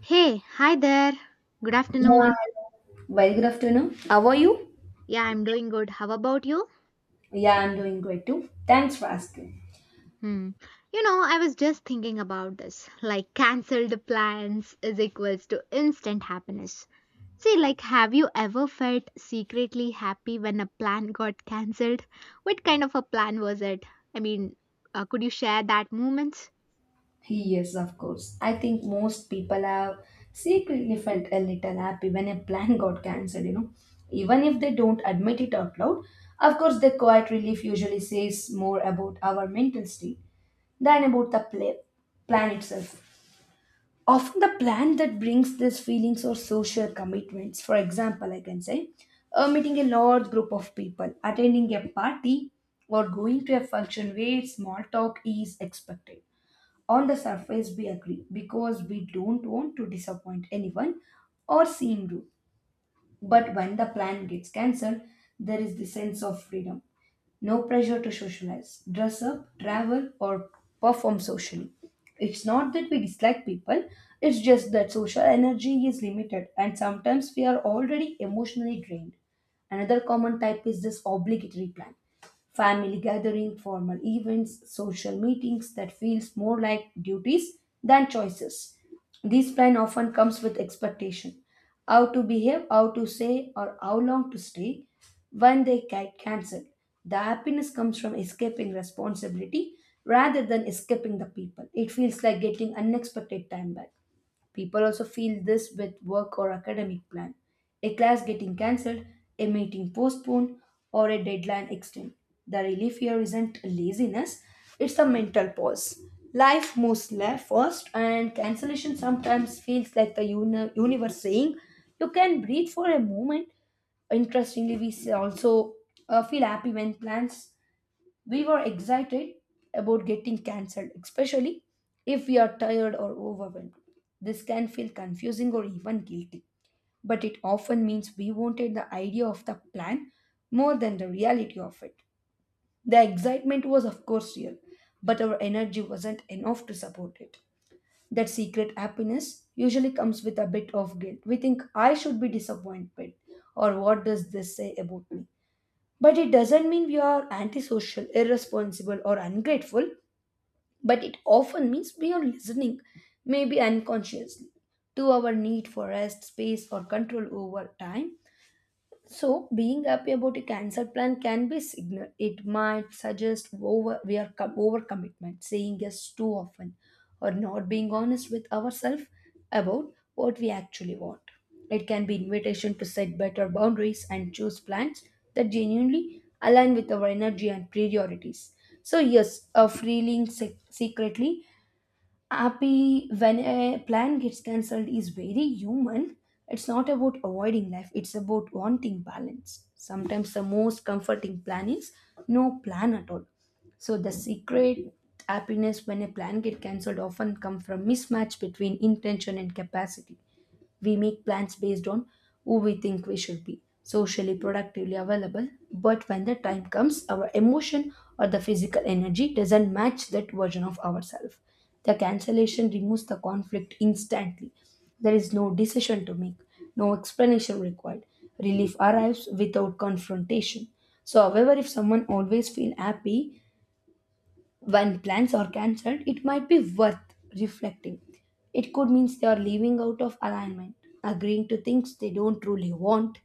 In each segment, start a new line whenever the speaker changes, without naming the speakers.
Hey, hi there. Good
Yeah.
afternoon.
Very good afternoon. How are you?
Yeah, I'm doing good. How about you?
Yeah, I'm doing great too. Thanks for asking.
Hmm. You know, I was just thinking about this. Like, cancelled plans is equals to instant happiness. See, like, have you ever felt secretly happy when a plan got cancelled? What kind of a plan was it? I mean, could you share that moment?
Yes, of course. I think most people have secretly felt a little happy when a plan got cancelled. Even if they don't admit it out loud, of course, the quiet relief usually says more about our mental state than about the plan itself. Often the plan that brings these feelings or social commitments, for example, I can say meeting a large group of people, attending a party, or going to a function where small talk is expected. On the surface, we agree because we don't want to disappoint anyone or seem rude, but when the plan gets cancelled, there is the sense of freedom. No pressure to socialize, dress up, travel, or perform socially. It's not that we dislike people, it's just that social energy is limited and sometimes we are already emotionally drained. Another common type is this obligatory plan: family gathering, formal events, social meetings that feels more like duties than choices. This plan often comes with expectation. How to behave, how to say, or how long to stay, when they get cancelled. The happiness comes from escaping responsibility rather than escaping the people. It feels like getting unexpected time back. People also feel this with work or academic plan. A class getting cancelled, a meeting postponed, or a deadline extended. The relief here isn't laziness, it's a mental pause. Life moves left first, and cancellation sometimes feels like the universe saying, "You can breathe for a moment." Interestingly, also feel happy when plans we were excited about getting cancelled, especially if we are tired or overwhelmed. This can feel confusing or even guilty, but it often means we wanted the idea of the plan more than the reality of it. The excitement was, of course, real, but our energy wasn't enough to support it. That secret happiness usually comes with a bit of guilt. We think, I should be disappointed, or what does this say about me? But it doesn't mean we are antisocial, irresponsible, or ungrateful, but it often means we are listening, maybe unconsciously, to our need for rest, space, or control over time. So, being happy about a cancer plan can be signal. It might suggest overcommitment, saying yes too often, or not being honest with ourselves about what we actually want. It can be invitation to set better boundaries and choose plans that genuinely align with our energy and priorities. So, yes, a feeling secretly happy when a plan gets cancelled is very human. It's not about avoiding life, it's about wanting balance. Sometimes the most comforting plan is no plan at all. So the secret happiness when a plan gets cancelled often come from mismatch between intention and capacity. We make plans based on who we think we should be socially, productively available. But when the time comes, our emotion or the physical energy doesn't match that version of ourselves. The cancellation removes the conflict instantly. There is no decision to make, no explanation required. Relief arrives without confrontation. So, however, if someone always feels happy, when plans are cancelled, it might be worth reflecting. It could mean they are living out of alignment, agreeing to things they don't truly want,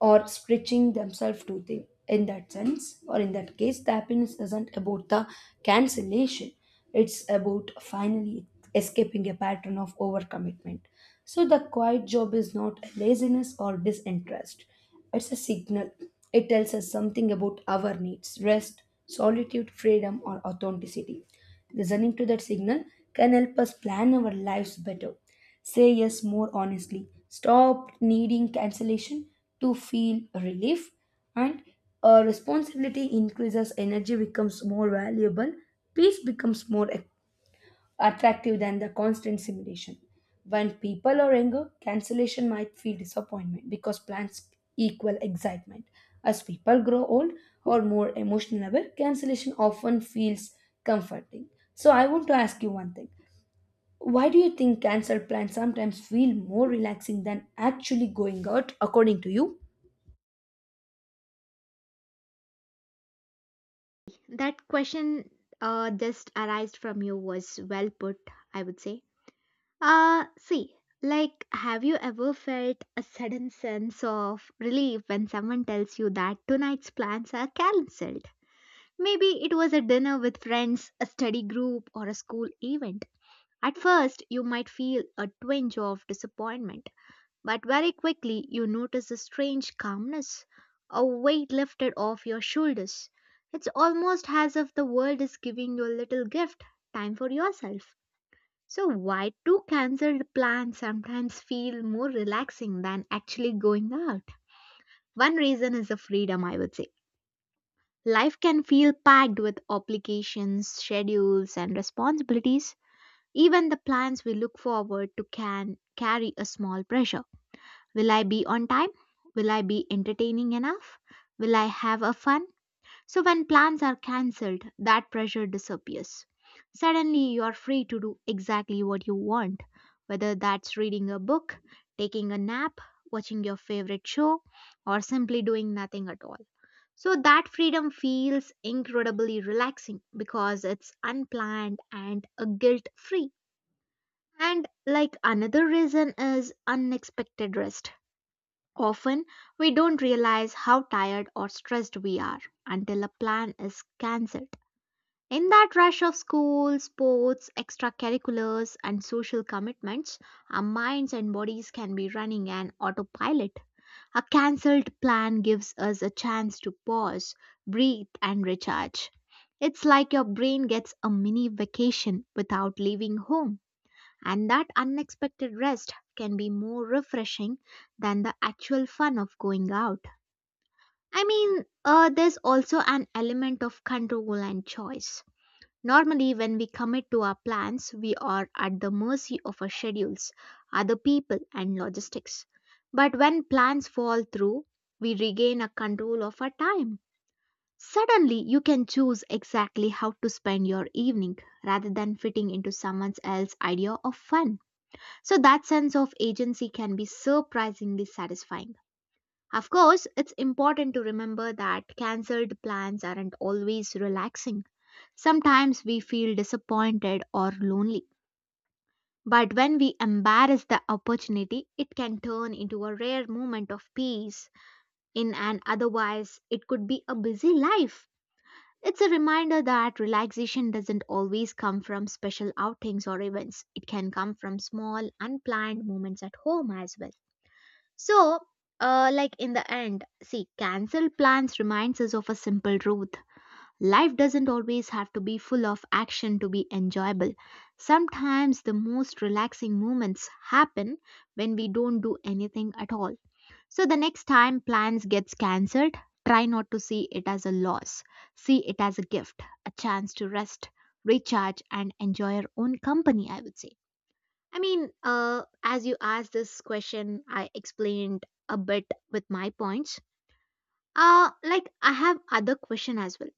or stretching themselves too thin. In that sense, or in that case, the happiness isn't about the cancellation, it's about finally escaping a pattern of overcommitment. So, the quiet job is not laziness or disinterest, it's a signal. It tells us something about our needs: rest, solitude, freedom, or authenticity. Listening to that signal can help us plan our lives better. Say yes more honestly. Stop needing cancellation to feel relief. And responsibility increases, energy becomes more valuable, peace becomes more attractive than the constant simulation. When people are younger, cancellation might feel disappointment because plans equal excitement. As people grow old or more emotional aware, cancellation often feels comforting. So I want to ask you one thing. Why do you think cancelled plans sometimes feel more relaxing than actually going out, according to you?
That question just arised from you was well put, I would say. See, like, have you ever felt a sudden sense of relief when someone tells you that tonight's plans are cancelled? Maybe it was a dinner with friends, a study group, or a school event. At first, you might feel a twinge of disappointment, but very quickly you notice a strange calmness, a weight lifted off your shoulders. It's almost as if the world is giving you a little gift, time for yourself. So, why do cancelled plans sometimes feel more relaxing than actually going out? One reason is the freedom, I would say. Life can feel packed with obligations, schedules, and responsibilities. Even the plans we look forward to can carry a small pressure. Will I be on time? Will I be entertaining enough? Will I have a fun? So when plans are cancelled, that pressure disappears. Suddenly, you are free to do exactly what you want, whether that's reading a book, taking a nap, watching your favorite show, or simply doing nothing at all. So that freedom feels incredibly relaxing because it's unplanned and a guilt free. And like another reason is unexpected rest. Often we don't realize how tired or stressed we are until a plan is cancelled. In that rush of school, sports, extracurriculars, and social commitments, our minds and bodies can be running an autopilot. A cancelled plan gives us a chance to pause, breathe, and recharge. It's like your brain gets a mini vacation without leaving home, and that unexpected rest can be more refreshing than the actual fun of going out. I mean, there's also an element of control and choice. Normally, when we commit to our plans, we are at the mercy of our schedules, other people, and logistics. But when plans fall through, we regain a control of our time. Suddenly, you can choose exactly how to spend your evening rather than fitting into someone else's idea of fun. So, that sense of agency can be surprisingly satisfying. Of course, it's important to remember that cancelled plans aren't always relaxing. Sometimes we feel disappointed or lonely, but when we embrace the opportunity, it can turn into a rare moment of peace in an otherwise it could be a busy life. It's a reminder that relaxation doesn't always come from special outings or events. It can come from small, unplanned moments at home as well. So, like in the end, see, cancel plans reminds us of a simple truth. Life doesn't always have to be full of action to be enjoyable. Sometimes the most relaxing moments happen when we don't do anything at all. So the next time plans gets cancelled, try not to see it as a loss. See it as a gift, a chance to rest, recharge and enjoy your own company, I would say. I mean, as you asked this question, I explained a bit with my points. Like I have other question as well.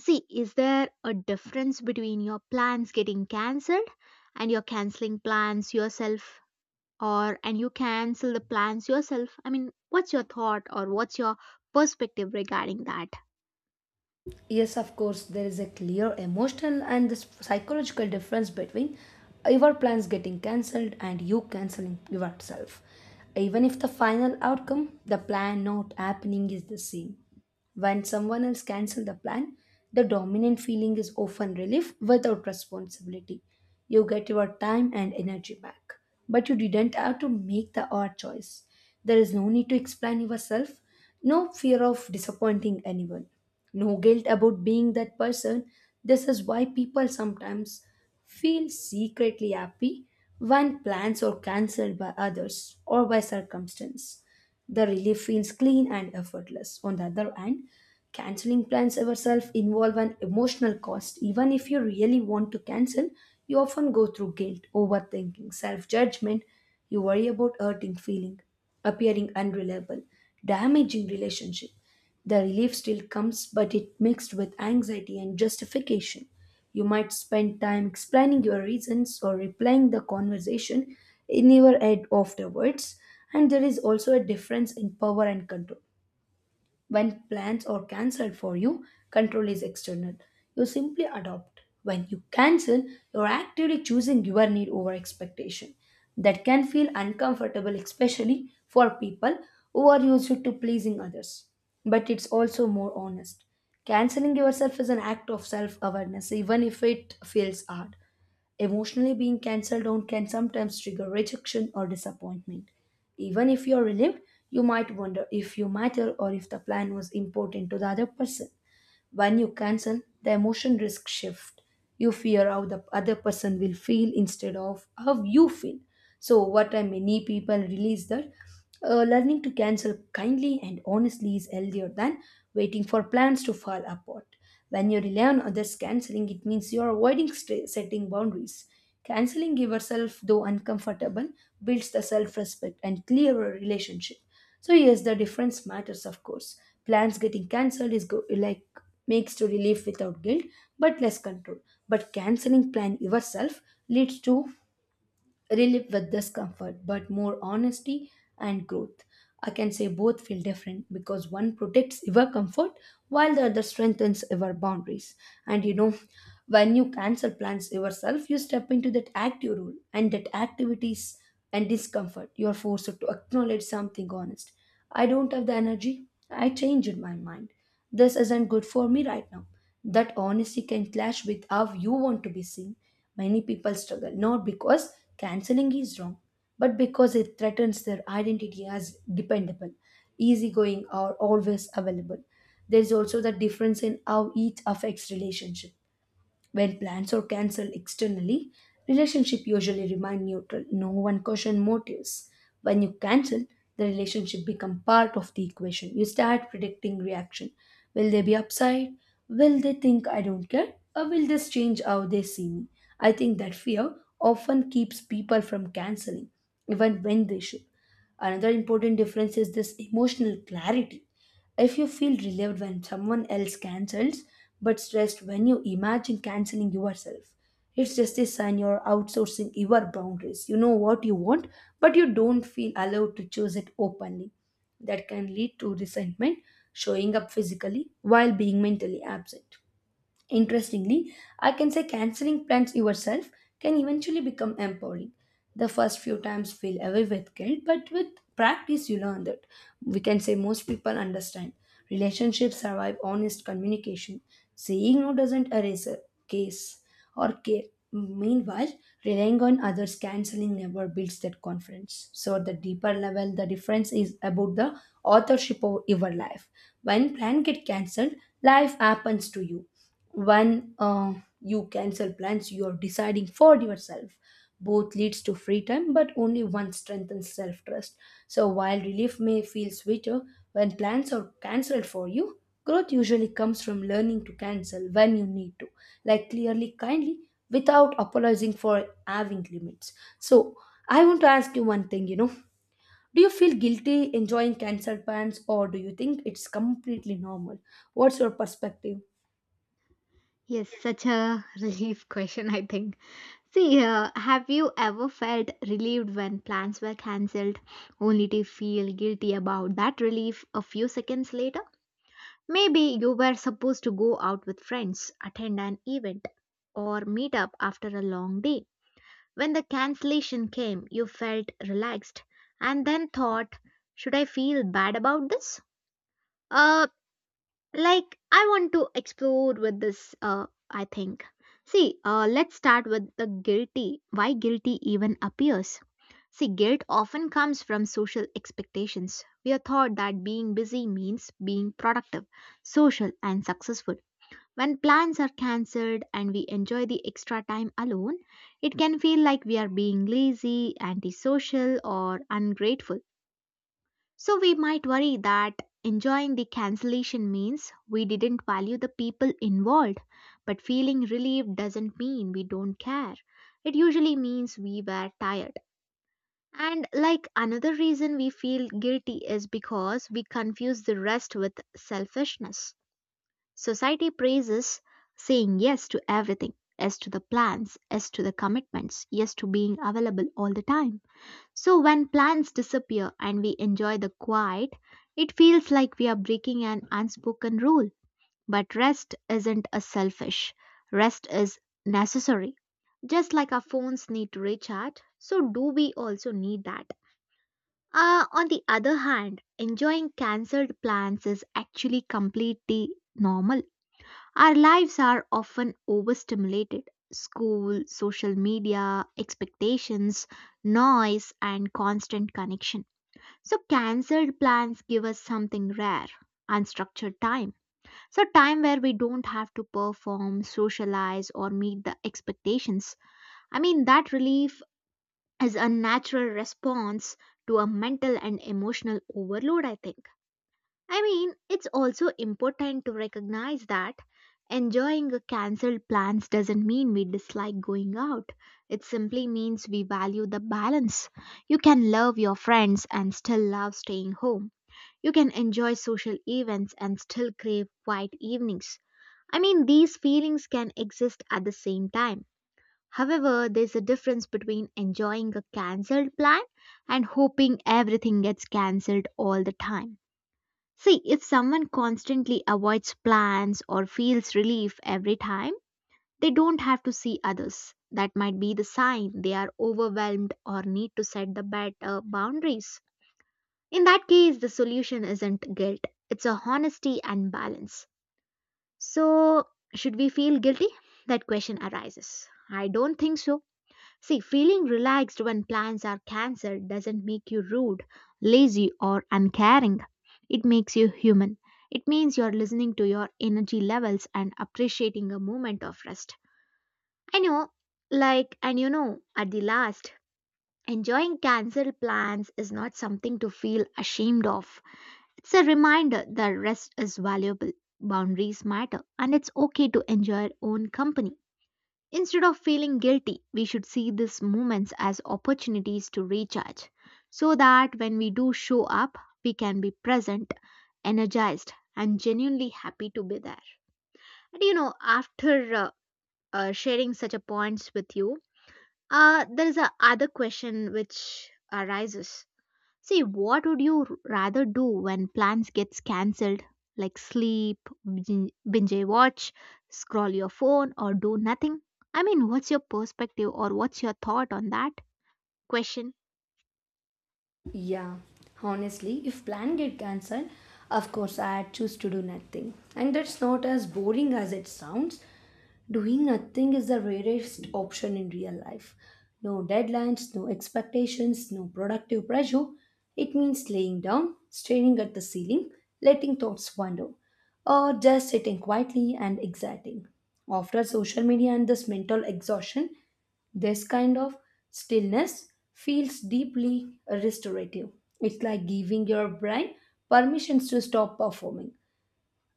See, is there a difference between your plans getting cancelled and you're canceling plans yourself or and you cancel the plans yourself? I mean, what's your thought or what's your perspective regarding that?
Yes, of course, there is a clear emotional and this psychological difference between your plans getting cancelled and you cancelling yourself. Even if the final outcome, the plan not happening, is the same. When someone else cancels the plan, the dominant feeling is often relief without responsibility. You get your time and energy back, but you didn't have to make the hard choice. There is no need to explain yourself, no fear of disappointing anyone, no guilt about being that person. This is why people sometimes feel secretly happy when plans are cancelled by others or by circumstance. The relief feels clean and effortless. On the other hand, canceling plans ourselves involve an emotional cost. Even if you really want to cancel, you often go through guilt, overthinking, self-judgment. You worry about hurting feeling, appearing unreliable, damaging relationship. The relief still comes, but it mixed with anxiety and justification. You might spend time explaining your reasons or replaying the conversation in your head afterwards. And there is also a difference in power and control. When plans are cancelled for you, control is external. You simply adopt. When you cancel, you're actively choosing your need over expectation. That can feel uncomfortable, especially for people who are used to pleasing others. But it's also more honest. Canceling yourself is an act of self awareness, even if it feels hard. Emotionally being cancelled out can sometimes trigger rejection or disappointment. Even if you're relieved, you might wonder if you matter or if the plan was important to the other person. When you cancel, the emotion risk shift. You fear how the other person will feel instead of how you feel. So what time many people realize that learning to cancel kindly and honestly is healthier than waiting for plans to fall apart. When you rely on others canceling, it means you are avoiding setting boundaries. Canceling yourself, though uncomfortable, builds the self respect and clearer relationship. So yes, the difference matters, of course. Plans getting cancelled is like makes to relief without guilt, but less control. But canceling plan yourself leads to relief with discomfort, but more honesty and growth. I can say both feel different because one protects your comfort while the other strengthens your boundaries. And you know, when you cancel plans yourself, you step into that active role and that activities and discomfort. You are forced to acknowledge something honest. I don't have the energy. I changed my mind. This isn't good for me right now. That honesty can clash with how you want to be seen. Many people struggle not because canceling is wrong, but because it threatens their identity as dependable, easygoing, or always available. There is also the difference in how each affects relationship. When plans are cancelled externally, relationship usually remain neutral. No one question motives. When you cancel, the relationship become part of the equation. You start predicting reaction. Will they be upside? Will they think I don't care? Or will this change how they see me? I think that fear often keeps people from canceling, even when they should. Another important difference is this emotional clarity. If you feel relieved when someone else cancels, but stressed when you imagine canceling yourself, it's just a sign you're outsourcing your boundaries. You know what you want, but you don't feel allowed to choose it openly. That can lead to resentment, showing up physically while being mentally absent. Interestingly, I can say canceling plans yourself can eventually become empowering. The first few times feel away with guilt, but with practice, you learn that. We can say most people understand. Relationships survive honest communication. Saying no doesn't erase a case or care. Meanwhile, relying on others canceling never builds that confidence. So, at the deeper level, the difference is about the authorship of your life. When plan get cancelled, life happens to you. When you cancel plans, you are deciding for yourself. Both leads to free time, but only one strengthens self-trust. So while relief may feel sweeter when plans are cancelled for you, growth usually comes from learning to cancel when you need to, like clearly, kindly, without apologizing for having limits. So I want to ask you one thing, you know, do you feel guilty enjoying cancelled plans, or do you think it's completely normal? What's your perspective?
Yes, such a relief question, I think. See, have you ever felt relieved when plans were cancelled only to feel guilty about that relief a few seconds later? Maybe you were supposed to go out with friends, attend an event, or meet up after a long day. When the cancellation came, you felt relaxed and then thought, should I feel bad about this? Uh, like, I want to explore with this, I think. See, let's start with the guilty. Why guilty even appears? See, guilt often comes from social expectations. We are taught that being busy means being productive, social, and successful. When plans are cancelled and we enjoy the extra time alone, it can feel like we are being lazy, antisocial, or ungrateful. So we might worry that enjoying the cancellation means we didn't value the people involved, but feeling relieved doesn't mean we don't care. It usually means we were tired. And like another reason we feel guilty is because we confuse the rest with selfishness. Society praises saying yes to everything, yes to the plans, yes to the commitments, yes to being available all the time. So when plans disappear and we enjoy the quiet, it feels like we are breaking an unspoken rule. But rest isn't a selfish, rest is necessary. Just like our phones need to recharge, so do we also need that. On the other hand, enjoying cancelled plans is actually completely normal. Our lives are often overstimulated school, social media, expectations, noise, and constant connection. So, cancelled plans give us something rare unstructured time. So, time where we don't have to perform, socialize, or meet the expectations. I mean, that relief is a natural response to a mental and emotional overload, I think. I mean, it's also important to recognize that enjoying a cancelled plans doesn't mean we dislike going out. It simply means we value the balance. You can love your friends and still love staying home. You can enjoy social events and still crave quiet evenings. I mean, these feelings can exist at the same time. However, there's a difference between enjoying a cancelled plan and hoping everything gets cancelled all the time. See, if someone constantly avoids plans or feels relief every time, they don't have to see others. That might be the sign they are overwhelmed or need to set the better boundaries. In that case, the solution isn't guilt, it's a honesty and balance. So, should we feel guilty? That question arises. I don't think so. See, feeling relaxed when plans are cancelled doesn't make you rude, lazy, or uncaring. It makes you human. It means you're listening to your energy levels and appreciating a moment of rest. I know, like, and you know, at the last, enjoying cancelled plans is not something to feel ashamed of. It's a reminder that rest is valuable, boundaries matter, and it's okay to enjoy your own company. Instead of feeling guilty, we should see these moments as opportunities to recharge so that when we do show up, we can be present, energized, and genuinely happy to be there. And you know, after sharing such a points with you, there is a other question which arises. See, what would you rather do when plans gets cancelled? Like sleep, binge a watch, scroll your phone, or do nothing? I mean, what's your perspective or what's your thought on that question?
Yeah, honestly, if plan get cancelled, of course I'd choose to do nothing. And that's not as boring as it sounds. Doing nothing is the rarest option in real life. No deadlines, no expectations, no productive pressure. It means laying down, staring at the ceiling, letting thoughts wander, or just sitting quietly and exciting. After social media and this mental exhaustion, this kind of stillness feels deeply restorative. It's like giving your brain permissions to stop performing.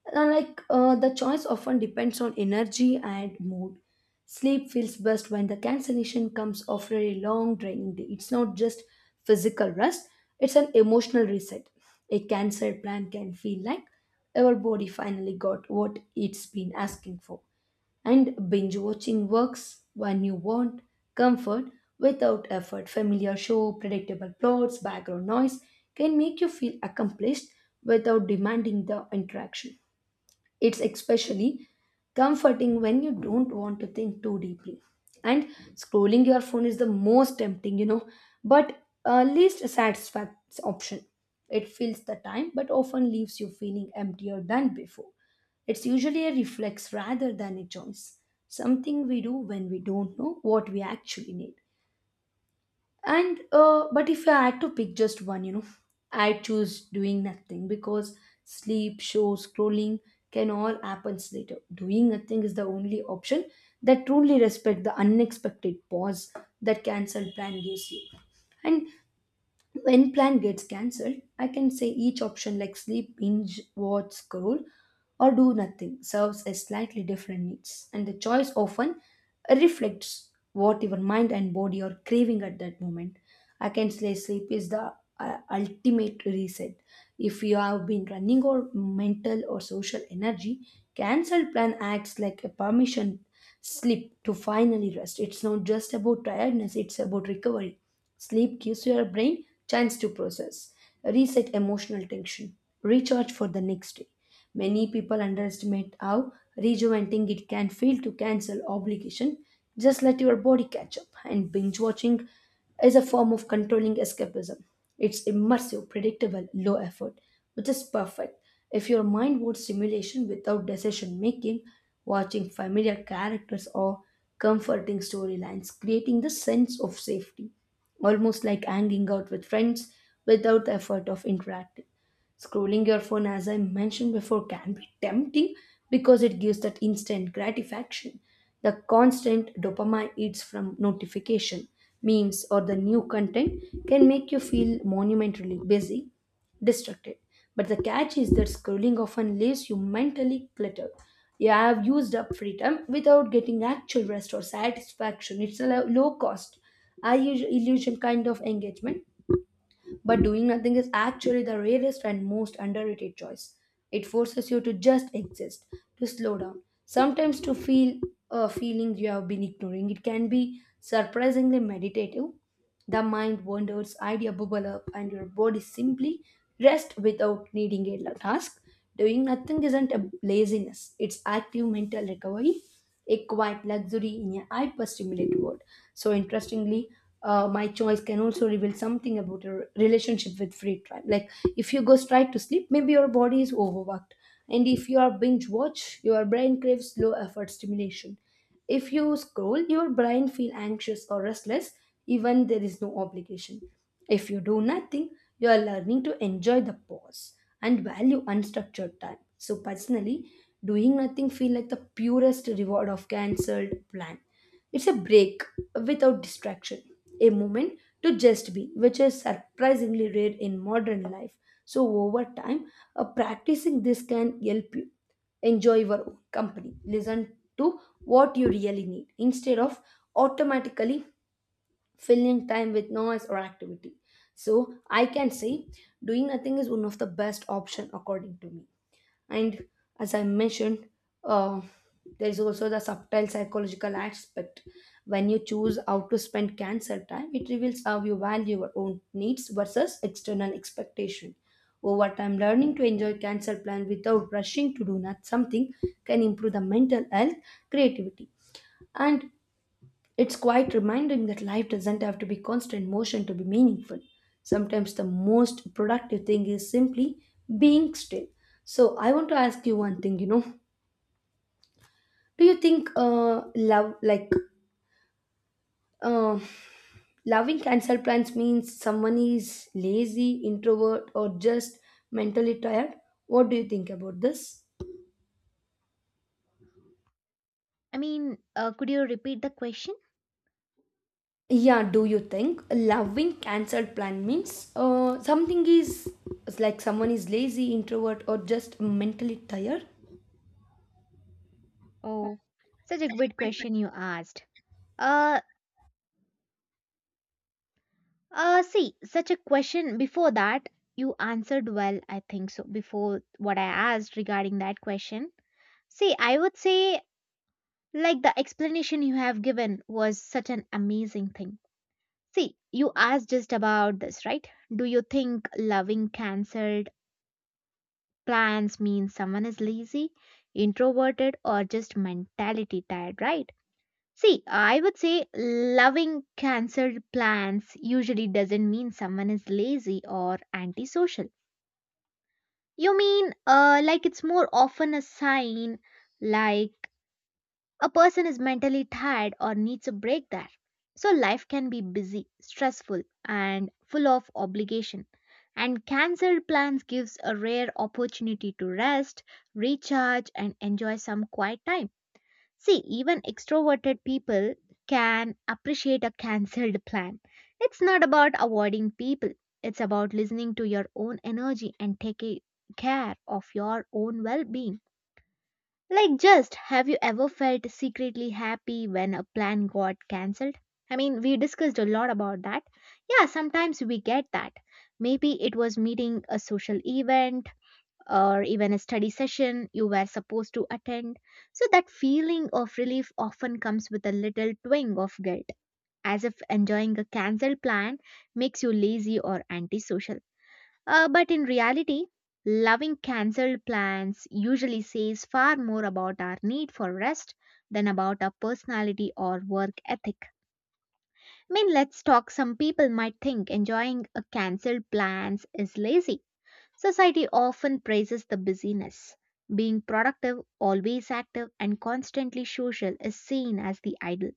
And the choice often depends on energy and mood. Sleep feels best when the cancellation comes after a long draining day. It's not just physical rest, it's an emotional reset. A cancelled plan can feel like our body finally got what it's been asking for. And binge watching works when you want comfort without effort. Familiar show, predictable plots, background noise can make you feel accomplished without demanding the interaction. It's especially comforting when you don't want to think too deeply. And scrolling your phone is the most tempting, but least satisfaction option. It fills the time but often leaves you feeling emptier than before. It's usually a reflex rather than a choice, something we do when we don't know what we actually need. And But if I had to pick just one, I choose doing nothing because sleep, shows, scrolling can all happen later. Doing nothing is the only option that truly respect the unexpected pause that cancelled plan gives you. And when plan gets cancelled, I can say each option like sleep, binge, watch, scroll, or do nothing serves as slightly different needs, and the choice often reflects what your mind and body are craving at that moment. I can say sleep is the ultimate reset. If you have been running or mental or social energy, cancelled plan acts like a permission sleep to finally rest. It's not just about tiredness, it's about recovery. Sleep gives your brain chance to process, reset emotional tension, recharge for the next day. Many people underestimate how rejuvenating it can feel to cancel obligation. Just let your body catch up and binge watching is a form of controlling escapism. It's immersive, predictable, low effort, which is perfect. If your mind wants stimulation without decision making, watching familiar characters or comforting storylines, creating the sense of safety, almost like hanging out with friends without the effort of interacting. Scrolling your phone, as I mentioned before, can be tempting because it gives that instant gratification. The constant dopamine hits from notification, memes, or the new content can make you feel monumentally busy distracted. But the catch is that scrolling often leaves you mentally cluttered. You have used up free time without getting actual rest or satisfaction. It's a low cost, high illusion kind of engagement, but doing nothing is actually the rarest and most underrated choice. It forces you to just exist, to slow down, sometimes to feel a feeling you have been ignoring. It can be surprisingly meditative the mind wanders, idea bubble up, and your body simply rests without needing a task. Doing nothing isn't a laziness, it's active mental recovery, a quiet luxury in a hyper stimulated world. So, interestingly, my choice can also reveal something about your relationship with free time. Like, if you go straight to sleep, maybe your body is overworked. And if you are binge watch, your brain craves low effort stimulation if you scroll, your brain feel anxious or restless even there is no obligation. If you do nothing, you are learning to enjoy the pause and value unstructured time. So personally, doing nothing feel like the purest reward of cancelled plan. It's a break without distraction, a moment to just be, which is surprisingly rare in modern life. So over time, practicing this can help you. Enjoy your own company. Listen to what you really need instead of automatically filling time with noise or activity. So I can say doing nothing is one of the best option according to me and as I mentioned uh, there is also the subtle psychological aspect when you choose how to spend cancer time it reveals how you value your own needs versus external expectation over time learning to enjoy cancer plan without rushing to do not something can improve the mental health creativity and it's quite reminding that life doesn't have to be constant motion to be meaningful. Sometimes the most productive thing is simply being still. So I want to ask you one thing, you know. Do you think love like uh loving cancer plants means someone is lazy, introvert or just mentally tired? What do you think about this?
I mean, could you repeat the question?
Yeah, do you think loving cancelled plan means something is it's like someone is lazy, introvert, or just mentally tired?
Oh, such a good question you asked. Uh, See, such a question before that, you answered well, I think so, before what I asked regarding that question. See, I would say like the explanation you have given was such an amazing thing. See, you asked just about this, right? Do you think loving cancelled plans means someone is lazy, introverted, or just mentality tired, right? See, I would say loving cancelled plans usually doesn't mean someone is lazy or antisocial. You mean, like it's more often a sign like a person is mentally tired or needs a break there. So life can be busy, stressful and full of obligation. And cancelled plans gives a rare opportunity to rest, recharge and enjoy some quiet time. See, even extroverted people can appreciate a cancelled plan. It's not about avoiding people. It's about listening to your own energy and taking care of your own well-being. Like, just have you ever felt secretly happy when a plan got cancelled? I mean, we discussed a lot about that. Yeah, sometimes we get that. Maybe it was meeting a social event or even a study session you were supposed to attend. So, that feeling of relief often comes with a little twinge of guilt, as if enjoying a cancelled plan makes you lazy or antisocial. But in reality, loving cancelled plans usually says far more about our need for rest than about our personality or work ethic. I mean, let's talk. Some people might think enjoying a cancelled plans is lazy. Society often praises the busyness. Being productive, always active, and constantly social is seen as the ideal.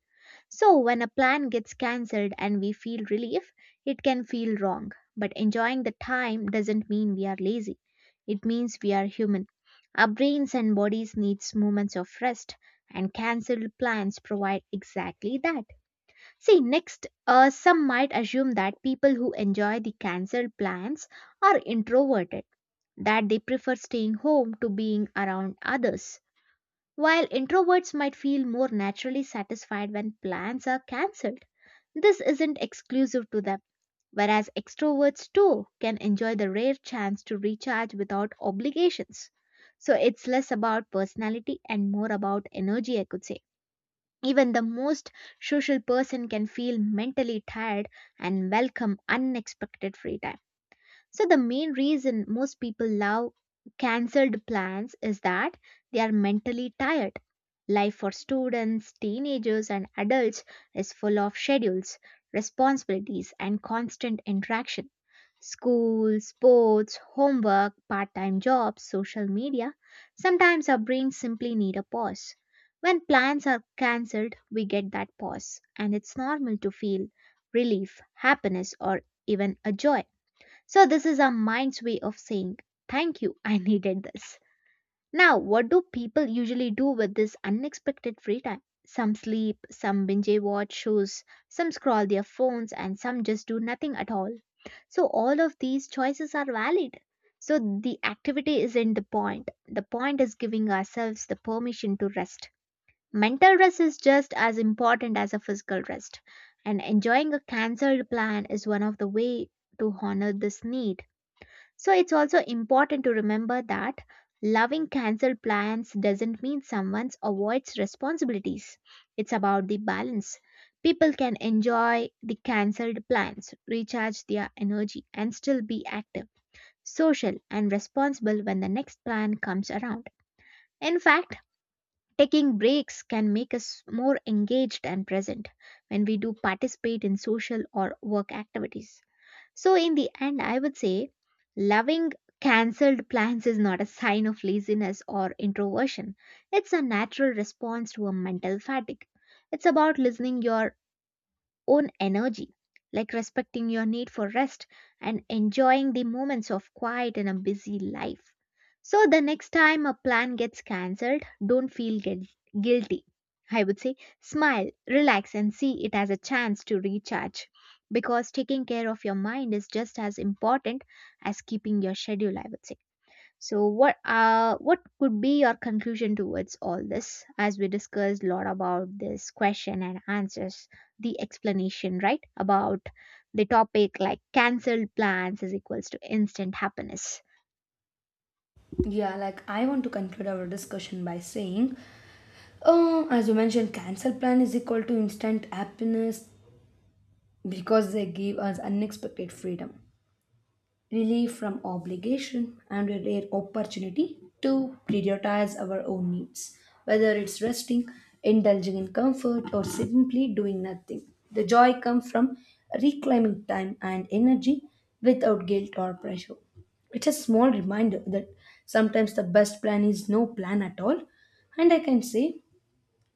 So, when a plan gets cancelled and we feel relief, it can feel wrong. But enjoying the time doesn't mean we are lazy, it means we are human. Our brains and bodies need moments of rest and cancelled plans provide exactly that. See, next, some might assume that people who enjoy the cancelled plans are introverted, that they prefer staying home to being around others. While introverts might feel more naturally satisfied when plans are cancelled, this isn't exclusive to them, whereas extroverts too can enjoy the rare chance to recharge without obligations. So it's less about personality and more about energy, I could say. Even the most social person can feel mentally tired and welcome unexpected free time. So, the main reason most people love cancelled plans is that they are mentally tired. Life for students, teenagers, and adults is full of schedules, responsibilities, and constant interaction. School, sports, homework, part time jobs, social media. Sometimes our brains simply need a pause. When plans are cancelled, we get that pause, and it's normal to feel relief, happiness, or even a joy. So, this is our mind's way of saying, thank you, I needed this. Now, what do people usually do with this unexpected free time? Some sleep, some binge watch shows, some scroll their phones, and some just do nothing at all. So, all of these choices are valid. So, the activity isn't the point. The point is giving ourselves the permission to rest. Mental rest is just as important as a physical rest, and enjoying a cancelled plan is one of the way to honor this need. So it's also important to remember that loving canceled plans doesn't mean someone avoids responsibilities. It's about the balance. People can enjoy the cancelled plans, recharge their energy, and still be active, social, and responsible when the next plan comes around. In fact, taking breaks can make us more engaged and present when we do participate in social or work activities. So, in the end, I would say loving cancelled plans is not a sign of laziness or introversion. It's a natural response to a mental fatigue. It's about listening your own energy, like respecting your need for rest and enjoying the moments of quiet in a busy life. So, the next time a plan gets cancelled, don't guilty. I would say smile, relax, and see it as a chance to recharge because taking care of your mind is just as important as keeping your schedule, I would say. So what could be your conclusion towards all this as we discussed a lot about this question and answers the explanation right about the topic like cancelled plans is equals to instant happiness.
Yeah, like I want to conclude our discussion by saying, as you mentioned, cancel plan is equal to instant happiness because they give us unexpected freedom. Relief from obligation and a rare opportunity to prioritize our own needs, whether it's resting, indulging in comfort, or simply doing nothing. The joy comes from reclaiming time and energy without guilt or pressure. It's a small reminder that sometimes the best plan is no plan at all, and I can say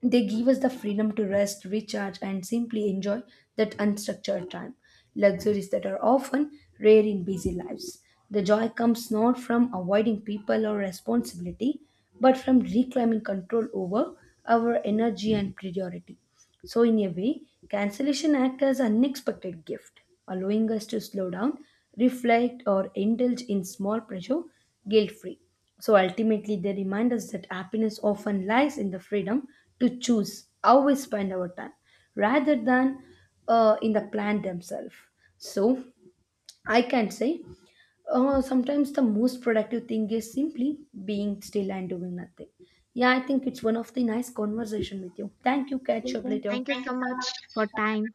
they give us the freedom to rest, recharge, and simply enjoy that unstructured time. Luxuries that are often rare in busy lives. The joy comes not from avoiding people or responsibility, but from reclaiming control over our energy and priority. So, in a way, cancellation acts as unexpected gift, allowing us to slow down, reflect, or indulge in small pleasure guilt-free. So ultimately, they remind us that happiness often lies in the freedom to choose how we spend our time, rather than in the plan themselves. So I can say, sometimes the most productive thing is simply being still and doing nothing. Yeah, I think it's one of the nice conversation with you. Thank you. Catch you
Okay,
up later.
thank you so much for time.